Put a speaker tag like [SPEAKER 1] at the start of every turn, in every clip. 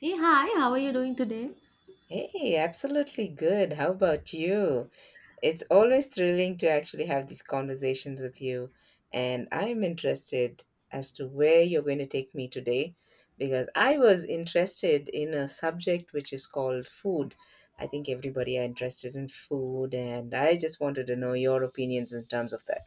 [SPEAKER 1] Hey, hi, how are you doing today?
[SPEAKER 2] Hey, absolutely good. How about you? It's always thrilling to actually have these conversations with you, and I'm interested as to where you're going to take me today because I was interested in a subject which is called food. I think everybody are interested in food, and I just wanted to know your opinions in terms of that.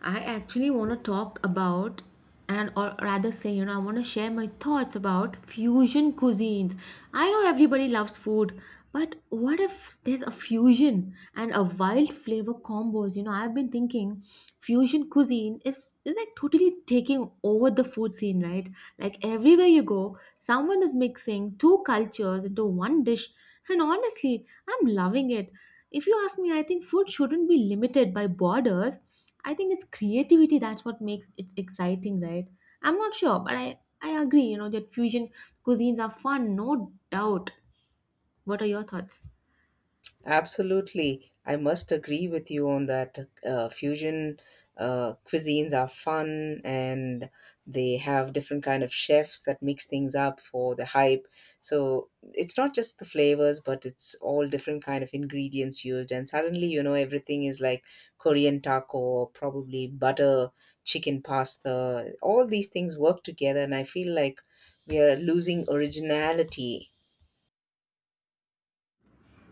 [SPEAKER 1] I actually want to talk about and or rather say, you know, I want to share my thoughts about fusion cuisines. I know everybody loves food, but what if there's a fusion and a wild flavor combos? You know, I've been thinking fusion cuisine is like totally taking over the food scene, right? Like everywhere you go, someone is mixing two cultures into one dish. And honestly, I'm loving it. If you ask me, I think food shouldn't be limited by borders. I think it's creativity that's what makes it exciting, right? I'm not sure, but I agree, you know, that fusion cuisines are fun, no doubt. What are your thoughts?
[SPEAKER 2] Absolutely. I must agree with you on that. Fusion cuisines are fun and they have different kind of chefs that mix things up for the hype. So it's not just the flavors, but it's all different kind of ingredients used. And suddenly, you know, everything is like Korean taco or probably butter, chicken pasta. All these things work together and I feel like we are losing originality.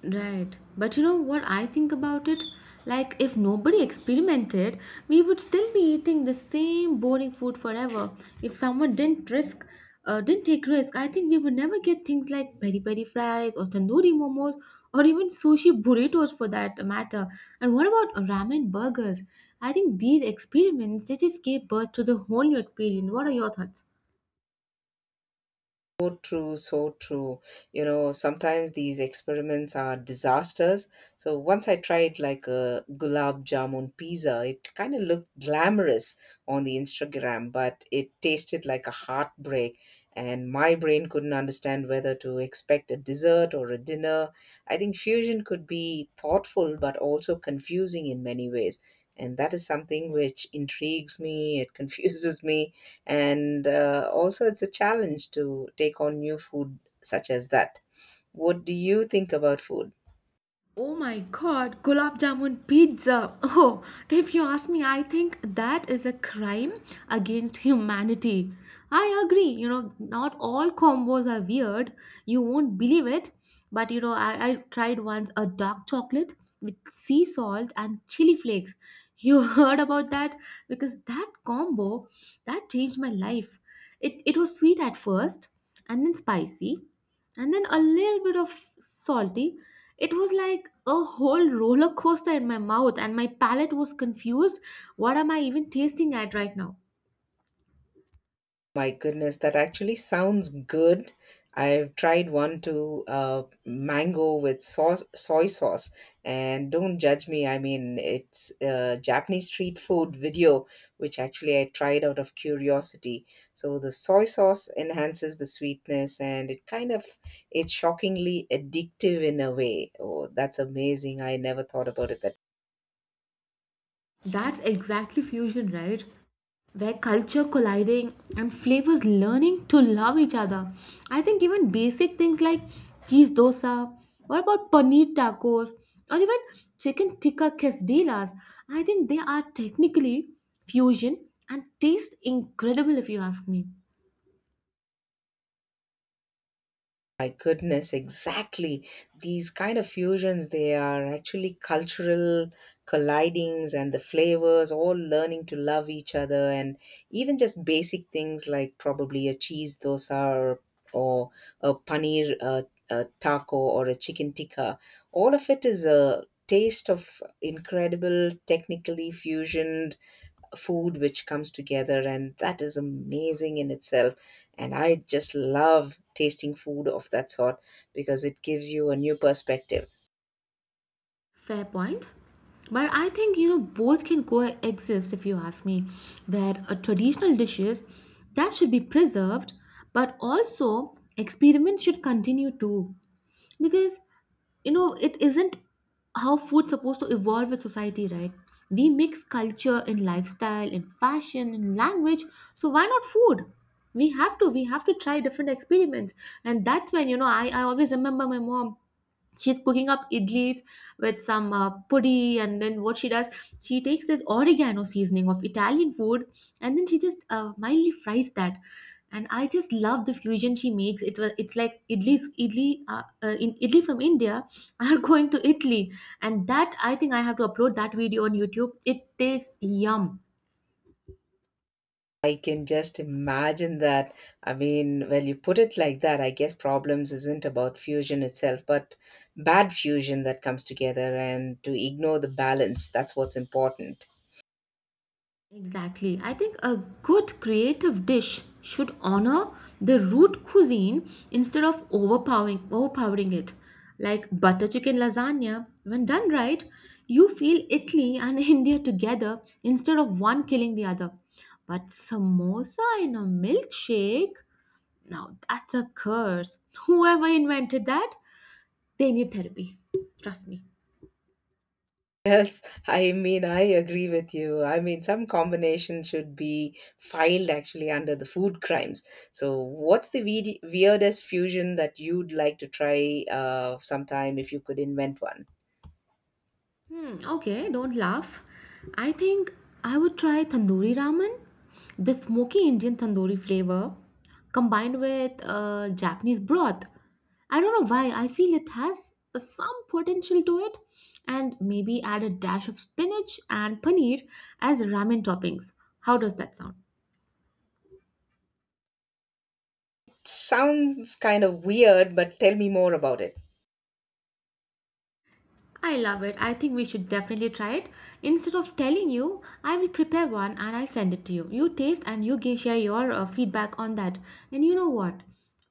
[SPEAKER 1] Right. But you know what I think about it? Like, if nobody experimented, we would still be eating the same boring food forever. If someone didn't risk, didn't take risk, I think we would never get things like peri peri fries or tandoori momos or even sushi burritos for that matter. And what about ramen burgers? I think these experiments they just gave birth to the whole new experience. What are your thoughts?
[SPEAKER 2] So true, so true. You know, sometimes these experiments are disasters. So once I tried like a gulab jamun pizza, it kind of looked glamorous on the Instagram, but it tasted like a heartbreak. And my brain couldn't understand whether to expect a dessert or a dinner. I think fusion could be thoughtful but also confusing in many ways. And that is something which intrigues me, it confuses me, and also it's a challenge to take on new food such as that. What do you think about food?
[SPEAKER 1] Oh my god, gulab jamun pizza. Oh, if you ask me, I think that is a crime against humanity. I agree, you know, not all combos are weird. You won't believe it. But you know, I tried once a dark chocolate with sea salt and chili flakes. You heard about that? Because that combo that changed my life. It was sweet at first and then spicy and then a little bit of salty. It was like a whole roller coaster in my mouth, and my palate was confused. What am I even tasting at right now?
[SPEAKER 2] My goodness, that actually sounds good. I've tried one to mango with soy sauce, and don't judge me. I mean, it's a Japanese street food video, which actually I tried out of curiosity. So the soy sauce enhances the sweetness, and it kind of it's shockingly addictive in a way. Oh, that's amazing! I never thought about it that.
[SPEAKER 1] That's exactly fusion, right? Where culture colliding and flavors learning to love each other. I think even basic things like cheese dosa, what about paneer tacos, or even chicken tikka quesadillas, I think they are technically fusion and taste incredible if you ask me.
[SPEAKER 2] My goodness, exactly. These kind of fusions, they are actually cultural collidings and the flavors all learning to love each other and even just basic things like probably a cheese dosa or a paneer a taco or a chicken tikka. All of it is a taste of incredible technically fusion food which comes together and that is amazing in itself, and I just love tasting food of that sort because it gives you a new perspective.
[SPEAKER 1] Fair point. But I think you know both can coexist if you ask me. Where a traditional dishes that should be preserved, but also experiments should continue too. Because you know it isn't how food's supposed to evolve with society, right? We mix culture in lifestyle, in fashion, in language. So why not food? We have to try different experiments. And that's when, you know, I always remember my mom she's cooking up idlis with some pudi and then what she does she takes this oregano seasoning of Italian food and then she just mildly fries that, and I just love the fusion she makes. It was, it's like idlis idli in idli from India are going to Italy, and that I think I have to upload that video on YouTube. It tastes yum.
[SPEAKER 2] I can just imagine that. I mean, well, you put it like that, I guess problems isn't about fusion itself but bad fusion that comes together and to ignore the balance, that's what's important.
[SPEAKER 1] Exactly. I think a good creative dish should honor the root cuisine instead of overpowering it. Like butter chicken lasagna, when done right, you feel Italy and India together instead of one killing the other. But samosa in a milkshake, now that's a curse. Whoever invented that, they need therapy. Trust me.
[SPEAKER 2] Yes, I mean, I agree with you. I mean, some combination should be filed actually under the food crimes. So, what's the weirdest fusion that you'd like to try sometime if you could invent one?
[SPEAKER 1] Hmm, okay, don't laugh. I think I would try tandoori ramen. The smoky Indian tandoori flavor combined with Japanese broth. I don't know why, I feel it has some potential to it. And maybe add a dash of spinach and paneer as ramen toppings. How does that sound?
[SPEAKER 2] Sounds kind of weird, but tell me more about it.
[SPEAKER 1] I love it. I think we should definitely try it. Instead of telling you, I will prepare one and I'll send it to you. You taste and you can share your feedback on that. And you know what?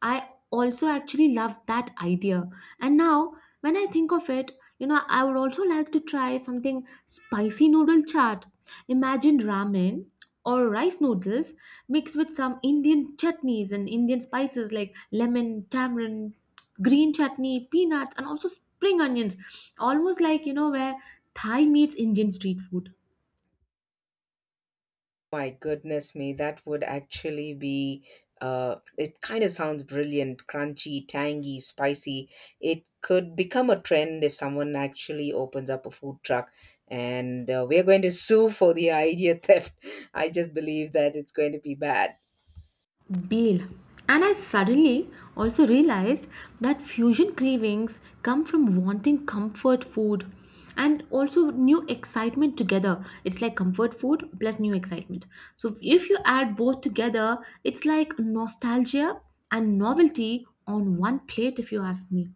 [SPEAKER 1] I also actually love that idea. And now, when I think of it, you know, I would also like to try something spicy noodle chaat. Imagine ramen or rice noodles mixed with some Indian chutneys and Indian spices like lemon, tamarind, green chutney, peanuts, and also spring onions. Almost like, you know, where Thai meets Indian street food.
[SPEAKER 2] My goodness me, that would actually be it kind of sounds brilliant, crunchy, tangy, spicy. It could become a trend if someone actually opens up a food truck and we're going to sue for the idea theft. I just believe that it's going to be bad.
[SPEAKER 1] Deal. And I suddenly also realized that fusion cravings come from wanting comfort food and also new excitement together. It's like comfort food plus new excitement. So if you add both together, it's like nostalgia and novelty on one plate, if you ask me.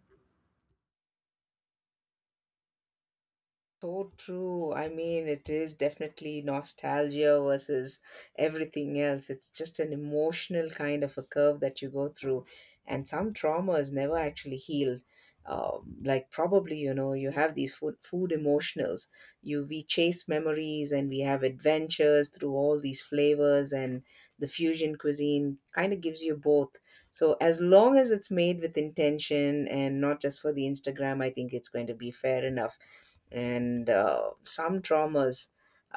[SPEAKER 2] So true. I mean, it is definitely nostalgia versus everything else. It's just an emotional kind of a curve that you go through, and some trauma is never actually healed. Like probably, you know, you have these food emotionals. You We chase memories and we have adventures through all these flavors and the fusion cuisine kind of gives you both. So as long as it's made with intention and not just for the Instagram, I think it's going to be fair enough and some traumas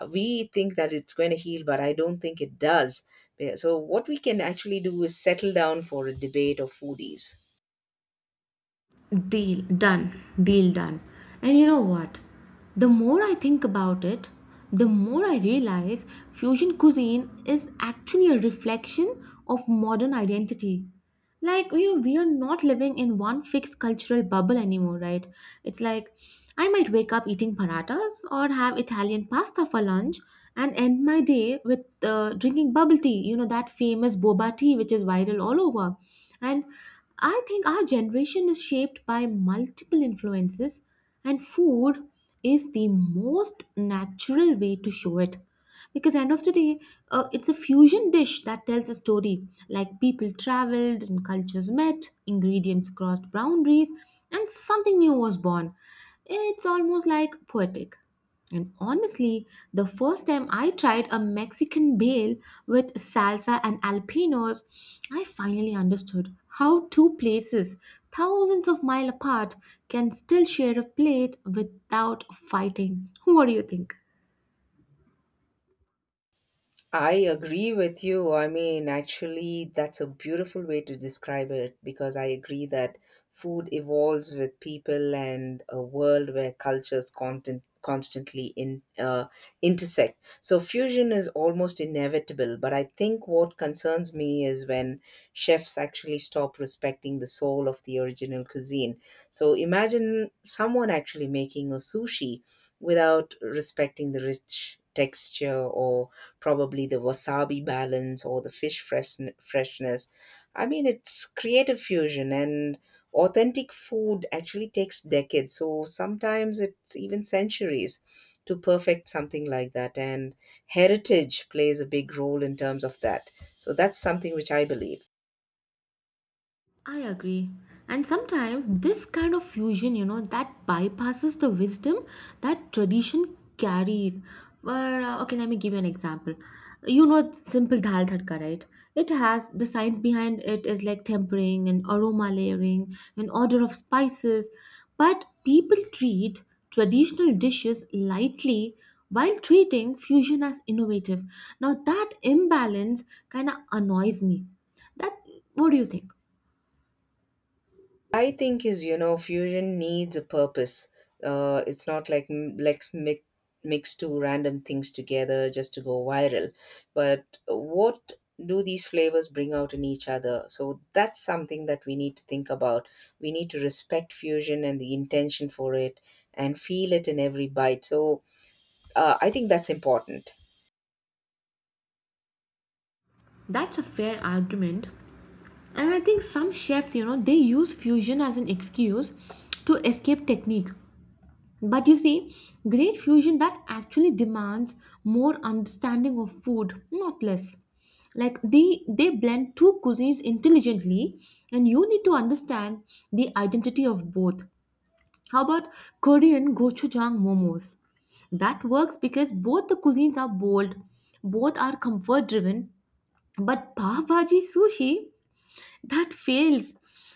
[SPEAKER 2] we think that it's going to heal but I don't think it does. Yeah, so what we can actually do is settle down for a debate of foodies.
[SPEAKER 1] Deal done. Deal done. And you know what? The more I think about it, the more I realize fusion cuisine is actually a reflection of modern identity. Like, you know, we are not living in one fixed cultural bubble anymore, right? It's like I might wake up eating paratas or have Italian pasta for lunch and end my day with drinking bubble tea, you know, that famous boba tea which is viral all over. And I think our generation is shaped by multiple influences, and food is the most natural way to show it. Because end of the day, it's a fusion dish that tells a story, like people traveled and cultures met, ingredients crossed boundaries, and something new was born. It's almost like poetic. And honestly, the first time I tried a Mexican bale with salsa and alpinos, I finally understood how two places thousands of miles apart can still share a plate without fighting. What do you think?
[SPEAKER 2] I agree with you. I mean, actually, that's a beautiful way to describe it because I agree that food evolves with people and a world where cultures constantly intersect. So, fusion is almost inevitable. But I think what concerns me is when chefs actually stop respecting the soul of the original cuisine. So, imagine someone actually making a sushi without respecting the rich texture or probably the wasabi balance or the freshness. I mean, it's creative fusion and authentic food actually takes decades. So sometimes it's even centuries to perfect something like that. And heritage plays a big role in terms of that. So that's something which I believe.
[SPEAKER 1] I agree. And sometimes this kind of fusion, you know, that bypasses the wisdom that tradition carries. Where, okay, let me give you an example. You know, simple dal tadka, right? It has the science behind it is like tempering and aroma layering and order of spices. But people treat traditional dishes lightly while treating fusion as innovative. Now, that imbalance kind of annoys me. That, what do you think?
[SPEAKER 2] I think is, you know, fusion needs a purpose. It's not like mix two random things together just to go viral. But what do these flavors bring out in each other? So that's something that we need to think about. We need to respect fusion and the intention for it, and feel it in every bite. So I think that's important.
[SPEAKER 1] That's a fair argument. And I think some chefs, you know, they use fusion as an excuse to escape technique. But you see, great fusion that actually demands more understanding of food, not less. Like they blend two cuisines intelligently and you need to understand the identity of both. How about Korean gochujang momos? That works because both the cuisines are bold, both are comfort driven, but pav bhaji sushi that fails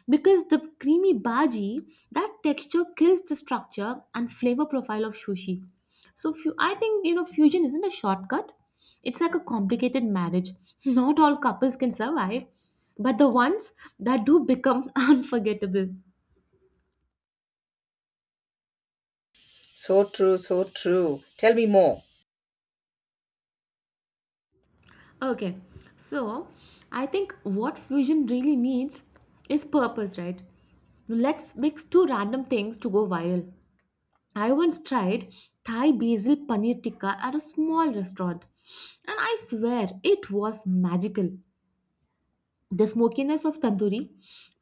[SPEAKER 1] because the creamy bhaji that texture kills the structure and flavor profile of sushi. I think you know fusion isn't a shortcut. It's like a complicated marriage. Not all couples can survive, but the ones that do become unforgettable.
[SPEAKER 2] So true, so true. Tell me more.
[SPEAKER 1] Okay, so I think what fusion really needs is purpose, right? Let's mix two random things to go viral. I once tried Thai basil paneer tikka at a small restaurant, and I swear it was magical. The smokiness of tandoori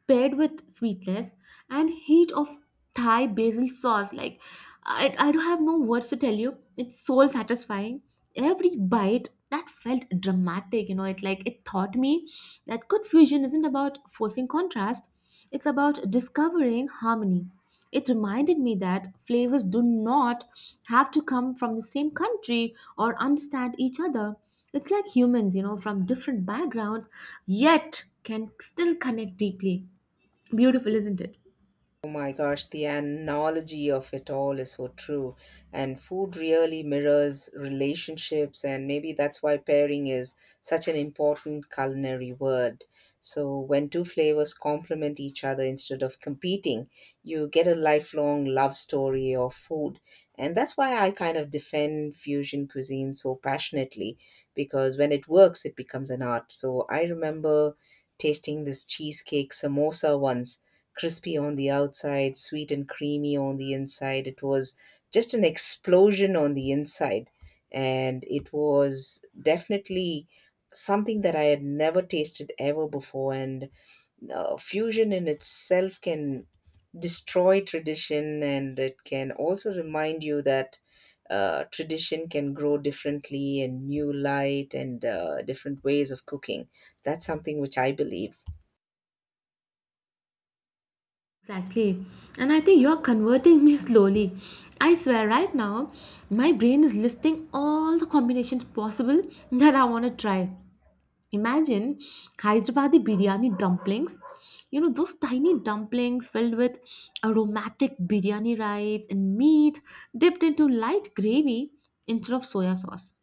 [SPEAKER 1] paired with sweetness and heat of Thai basil sauce, like I don't have no words to tell you. It's soul satisfying. Every bite that felt dramatic, you know, it like it taught me that good fusion isn't about forcing contrast, it's about discovering harmony. It reminded me that flavors do not have to come from the same country or understand each other. It's like humans, you know, from different backgrounds, yet can still connect deeply. Beautiful, isn't it?
[SPEAKER 2] Oh my gosh, the analogy of it all is so true. And food really mirrors relationships, and maybe that's why pairing is such an important culinary word. So, when two flavors complement each other instead of competing, you get a lifelong love story of food. And that's why I kind of defend fusion cuisine so passionately, because when it works, it becomes an art. So, I remember tasting this cheesecake samosa once, crispy on the outside, sweet and creamy on the inside. It was just an explosion on the inside. And it was definitely something that I had never tasted ever before. And fusion in itself can destroy tradition and it can also remind you that tradition can grow differently and new light and different ways of cooking. That's something which I believe.
[SPEAKER 1] Exactly. And I think you're converting me slowly. I swear, right now, my brain is listing all the combinations possible that I want to try. Imagine Hyderabadi biryani dumplings. You know, those tiny dumplings filled with aromatic biryani rice and meat dipped into light gravy instead of soya sauce.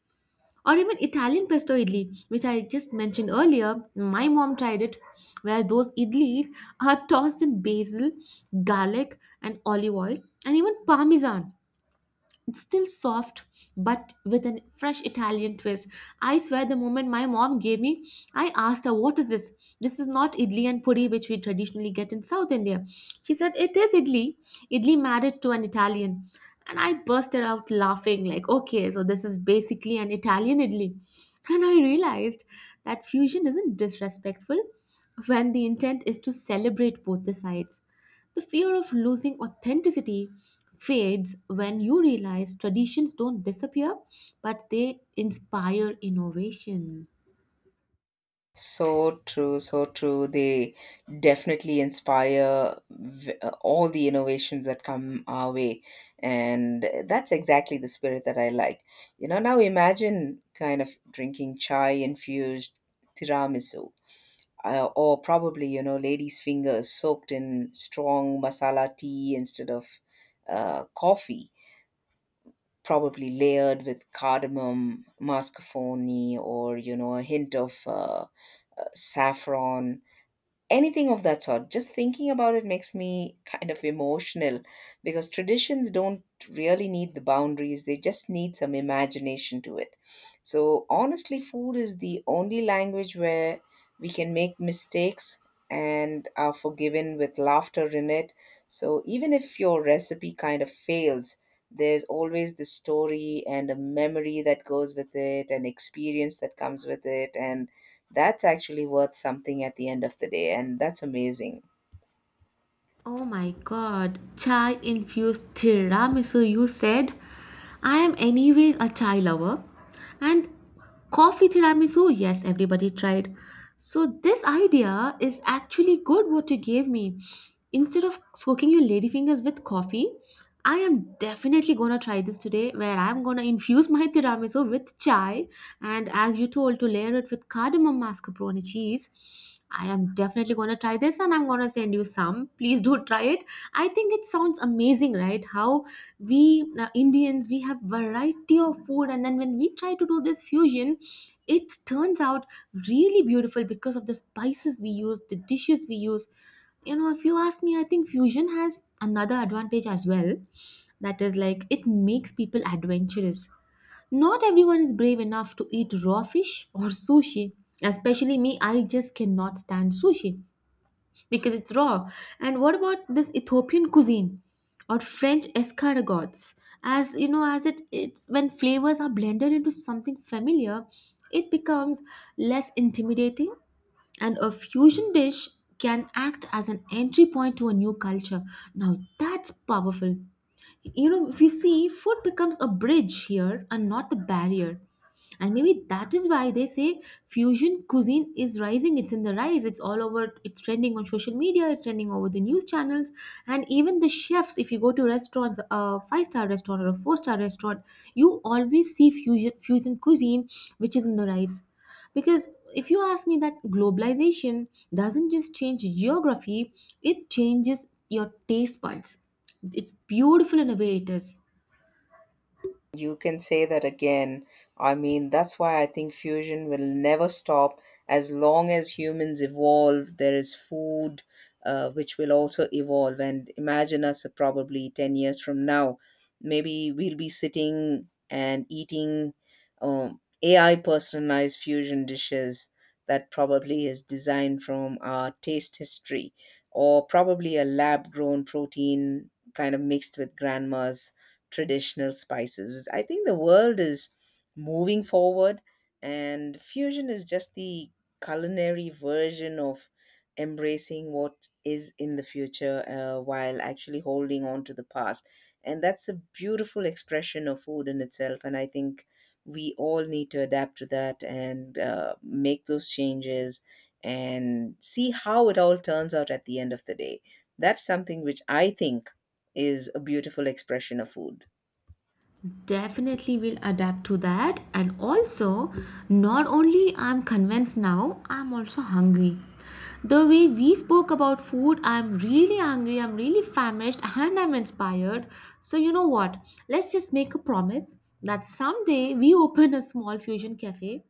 [SPEAKER 1] Or even Italian pesto idli, which I just mentioned earlier. My mom tried it, where those idlis are tossed in basil, garlic, and olive oil, and even parmesan. It's still soft, but with a fresh Italian twist. I swear, the moment my mom gave me, I asked her, What is this? This is not idli and puri, which we traditionally get in South India. She said, It is idli. Idli married to an Italian. And I bursted out laughing, like, Okay, so this is basically an Italian idli. And I realized that fusion isn't disrespectful when the intent is to celebrate both the sides. The fear of losing authenticity fades when you realize traditions don't disappear, but they inspire innovation.
[SPEAKER 2] So true, so true. They definitely inspire all the innovations that come our way. And that's exactly the spirit that I like. You know, now imagine kind of drinking chai infused tiramisu, or probably, you know, lady's fingers soaked in strong masala tea instead of coffee. Probably layered with cardamom, mascarpone, or you know, a hint of saffron, anything of that sort. Just thinking about it makes me kind of emotional because traditions don't really need the boundaries, they just need some imagination to it. So, honestly, food is the only language where we can make mistakes and are forgiven with laughter in it. So, even if your recipe kind of fails, there's always the story and a memory that goes with it, an experience that comes with it, and that's actually worth something at the end of the day, and that's amazing.
[SPEAKER 1] Oh my god, chai infused tiramisu, you said? I am, anyways, a chai lover. And coffee tiramisu, yes, everybody tried. So, this idea is actually good what you gave me. Instead of soaking your ladyfingers with coffee, I am definitely gonna try this today where I'm gonna infuse my tiramisu with chai and as you told to layer it with cardamom mascarpone cheese. I am definitely gonna try this and I'm gonna send you some. Please do try it. I think it sounds amazing, right? How we Indians, we have variety of food, and then when we try to do this fusion, it turns out really beautiful because of the spices we use, the dishes we use. If you ask me, I think fusion has another advantage as well, that is like it makes people adventurous. Not everyone is brave enough to eat raw fish or sushi, especially me. I just cannot stand sushi because it's raw. And what about this Ethiopian cuisine or French escargots? As you know, as it's when flavors are blended into something familiar, it becomes less intimidating, and a fusion dish can act as an entry point to a new culture. Now that's powerful. If you see, food becomes a bridge here and not the barrier. And maybe that is why they say fusion cuisine is rising, it's in the rise, it's all over, it's trending on social media, it's trending over the news channels. And even the chefs, if you go to restaurants, a five-star restaurant or a four-star restaurant, you always see fusion cuisine, which is in the rise. Because if you ask me, that globalization doesn't just change geography, it changes your taste buds. It's beautiful in a way, it is.
[SPEAKER 2] You can say that again. I mean, that's why I think fusion will never stop as long as humans evolve. There is food which will also evolve. And imagine us probably 10 years from now. Maybe we'll be sitting and eating AI personalized fusion dishes that probably is designed from our taste history or probably a lab grown protein kind of mixed with grandma's traditional spices. I think the world is moving forward, and fusion is just the culinary version of embracing what is in the future while actually holding on to the past. And that's a beautiful expression of food in itself. And I think we all need to adapt to that and make those changes and see how it all turns out at the end of the day. That's something which I think is a beautiful expression of food.
[SPEAKER 1] Definitely will adapt to that. And also, not only I'm convinced now, I'm also hungry. The way we spoke about food, I'm really hungry, I'm really famished, and I'm inspired. So, you know what? Let's just make a promise that someday we open a small fusion cafe,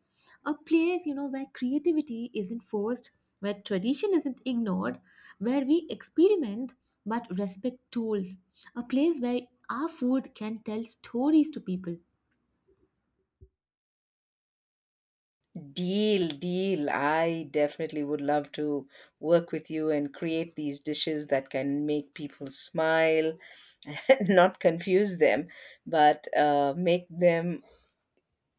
[SPEAKER 1] a place where creativity isn't forced, where tradition isn't ignored, where we experiment but respect tools, a place where our food can tell stories to people.
[SPEAKER 2] Deal, deal. I definitely would love to work with you and create these dishes that can make people smile, not confuse them, but make them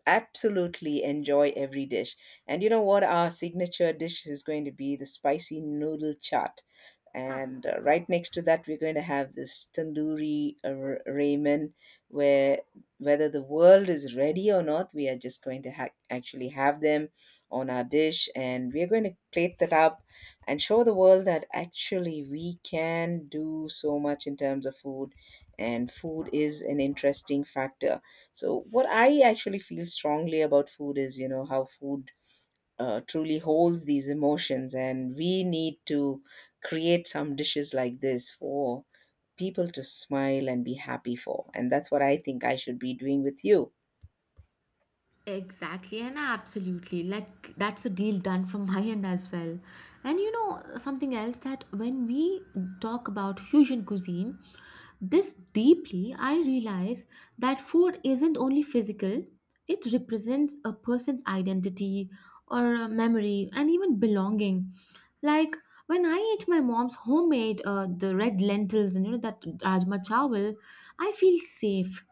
[SPEAKER 2] absolutely enjoy every dish. And you know what? Our signature dish is going to be the spicy noodle chaat. And right next to that, we're going to have this tandoori ramen, where whether the world is ready or not, we are just going to actually have them on our dish, and we are going to plate that up and show the world that actually we can do so much in terms of food, and food is an interesting factor. So, what I actually feel strongly about food is, you know, how food truly holds these emotions and we need to create some dishes like this for people to smile and be happy for, and that's what I think I should be doing with you.
[SPEAKER 1] Exactly, and absolutely. Like that's a deal done from my end as well. And you know something else, that when we talk about fusion cuisine, this deeply I realize that food isn't only physical. It represents a person's identity or a memory and even belonging. Like when I eat my mom's homemade the red lentils, and that rajma chawal, I feel safe.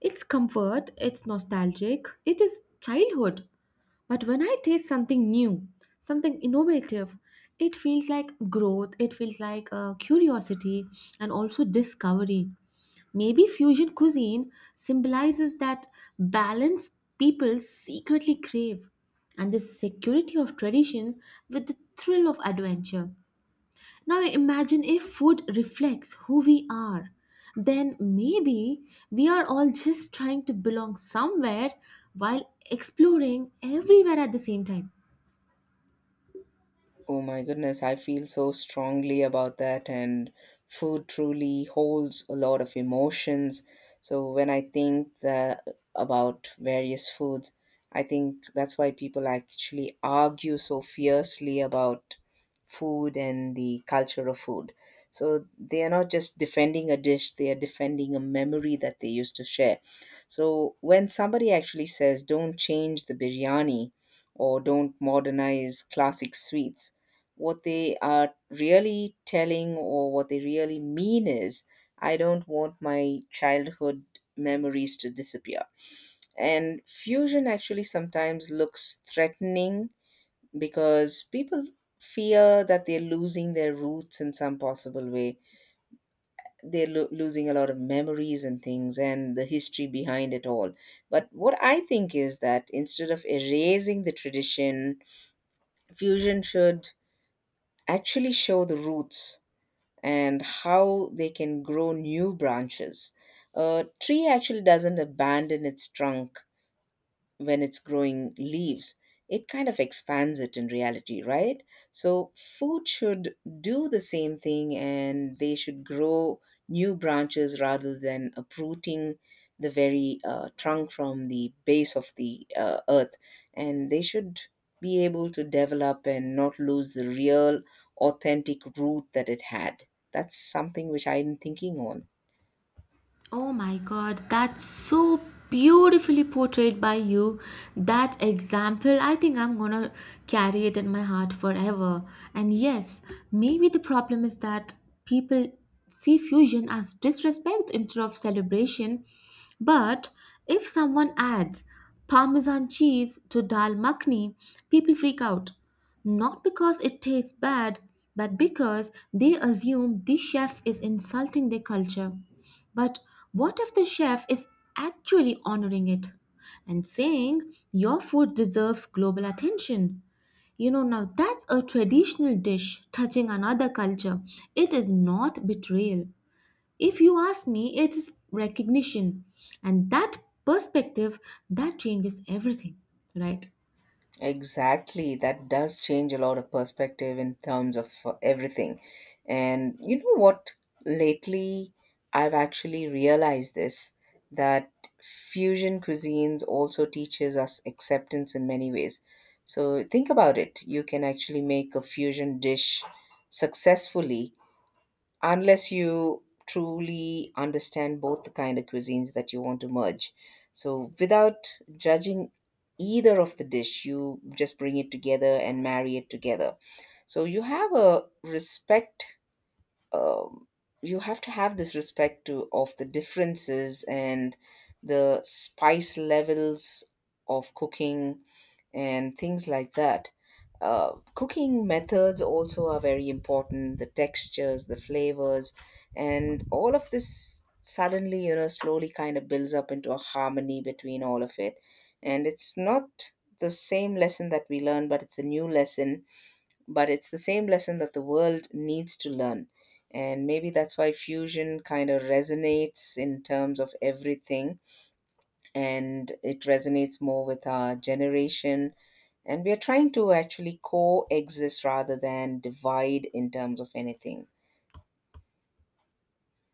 [SPEAKER 1] It's comfort, it's nostalgic, it is childhood. But when I taste something new, something innovative, it feels like growth, it feels like curiosity and also discovery. Maybe fusion cuisine symbolizes that balance people secretly crave, and this security of tradition with the thrill of adventure. Now imagine if food reflects who we are. Then maybe we are all just trying to belong somewhere while exploring everywhere at the same time.
[SPEAKER 2] Oh my goodness, I feel so strongly about that. And food truly holds a lot of emotions. So when I about various foods, I think that's why people actually argue so fiercely about food and the culture of food. So they are not just defending a dish, they are defending a memory that they used to share. So when somebody actually says, don't change the biryani or don't modernize classic sweets, what they are really telling or what they really mean is I don't want my childhood memories to disappear. And fusion actually sometimes looks threatening because people fear that they're losing their roots in some possible way. They're losing a lot of memories and things and the history behind it all. But what I think is that instead of erasing the tradition, fusion should actually show the roots and how they can grow new branches. A tree actually doesn't abandon its trunk when it's growing leaves, it kind of expands it in reality, right? So food should do the same thing and they should grow new branches rather than uprooting the very trunk from the base of the earth. And they should be able to develop and not lose the real, authentic root that it had. That's something which I'm thinking on.
[SPEAKER 1] Oh my god, that's so beautifully portrayed by you. That example, I think I'm gonna carry it in my heart forever. And yes, maybe the problem is that people see fusion as disrespect instead of celebration. But if someone adds parmesan cheese to dal makhni, people freak out. Not because it tastes bad, but because they assume the chef is insulting their culture. But what if the chef is actually honoring it and saying your food deserves global attention? You know, now that's a traditional dish touching another culture. It is not betrayal. If you ask me, it is recognition. And that perspective, that changes everything, right?
[SPEAKER 2] Exactly, that does change a lot of perspective in terms of everything. And you know what? Lately, I've actually realized this that fusion cuisines also teaches us acceptance in many ways. So think about it. You can actually make a fusion dish successfully unless you truly understand both the kind of cuisines that you want to merge. So without judging either of the dish, you just bring it together and marry it together. So you have a respect, um, you have to have this respect to of the differences and the spice levels of cooking and things like that. Cooking methods also are very important. The textures, the flavors, and all of this suddenly, you know, slowly kind of builds up into a harmony between all of it. And it's not the same lesson that we learn, but it's a new lesson but it's the same lesson that the world needs to learn. And maybe that's why fusion kind of resonates in terms of everything, and it resonates more with our generation. And we are trying to actually coexist rather than divide in terms of anything.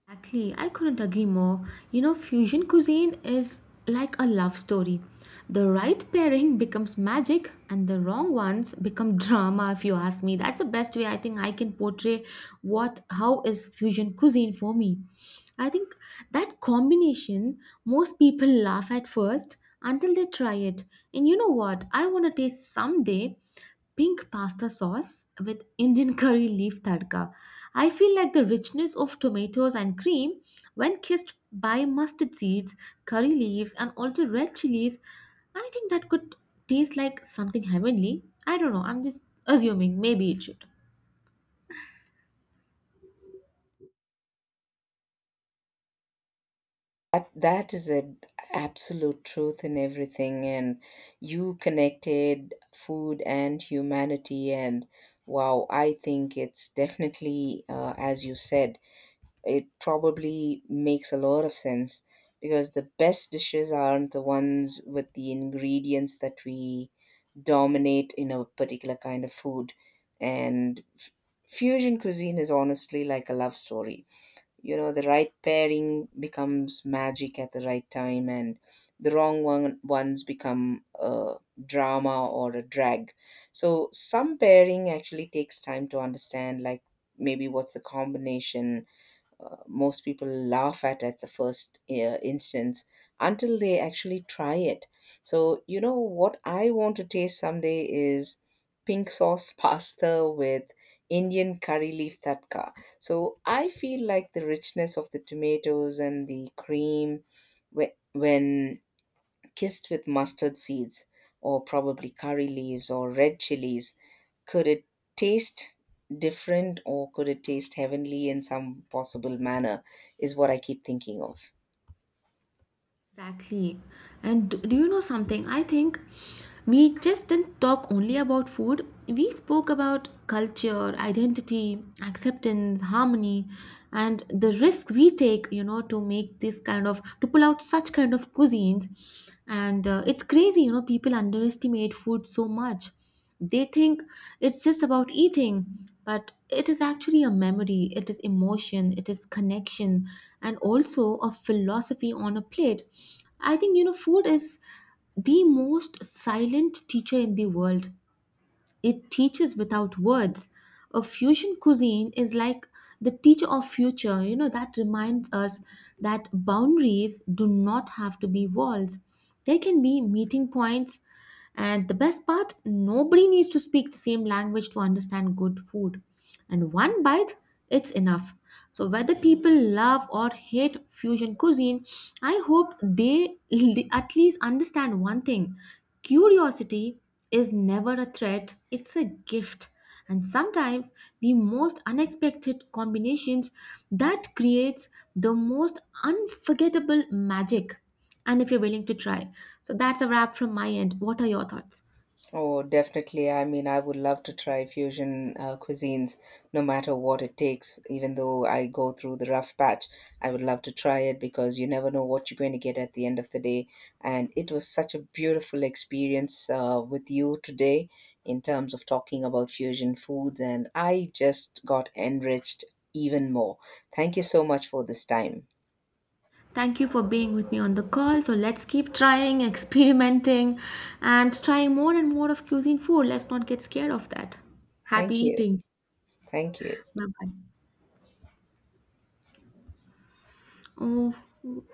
[SPEAKER 1] Exactly, I couldn't agree more. You know, fusion cuisine is like a love story. The right pairing becomes magic, and the wrong ones become drama. If you ask me, that's the best way I think I can portray what how is fusion cuisine for me. I think that combination, most people laugh at first until they try it. And you know what? I want to taste someday pink pasta sauce with Indian curry leaf tadka. I feel like the richness of tomatoes and cream, when kissed by mustard seeds, curry leaves, and also red chilies, I think that could taste like something heavenly. I don't know, I'm just assuming, maybe it should.
[SPEAKER 2] That is a absolute truth in everything. And you connected food and humanity. And wow, I think it's definitely, as you said, it probably makes a lot of sense because the best dishes aren't the ones with the ingredients that we dominate in a particular kind of food. And fusion cuisine is honestly like a love story. You know, the right pairing becomes magic at the right time, and the ones become a drama or a drag. So some pairing actually takes time to understand, like maybe what's the combination, most people laugh at the first instance until they actually try it. So, you know, what I want to taste someday is pink sauce pasta with Indian curry leaf tatka. So I feel like the richness of the tomatoes and the cream when kissed with mustard seeds or probably curry leaves or red chilies, could it taste different or could it taste heavenly in some possible manner? Is what I keep thinking of.
[SPEAKER 1] Exactly. And do you know something? I think we just didn't talk only about food. We spoke about culture, identity, acceptance, harmony, and the risks we take, to make this kind of, to pull out such kind of cuisines. And it's crazy, people underestimate food so much. They think it's just about eating, but it is actually a memory, it is emotion, it is connection, and also a philosophy on a plate. I think, food is the most silent teacher in the world. It teaches without words. A fusion cuisine is like the teacher of future, that reminds us that boundaries do not have to be walls. They can be meeting points. And the best part, nobody needs to speak the same language to understand good food, and one bite, it's enough. So whether people love or hate fusion cuisine, I hope they at least understand one thing. Curiosity is never a threat, it's a gift. And sometimes the most unexpected combinations that creates the most unforgettable magic, and if you're willing to try. So that's a wrap from my end. What are your thoughts?
[SPEAKER 2] Oh, definitely. I mean, I would love to try fusion cuisines, no matter what it takes. Even though I go through the rough patch, I would love to try it because you never know what you're going to get at the end of the day. And it was such a beautiful experience with you today in terms of talking about fusion foods, and I just got enriched even more. Thank you so much for this time.
[SPEAKER 1] Thank you for being with me on the call. So let's keep trying, experimenting, and trying more and more of cuisine food. Let's not get scared of that. Happy
[SPEAKER 2] Thank you.
[SPEAKER 1] eating.
[SPEAKER 2] Thank you.
[SPEAKER 1] Bye bye. Oh,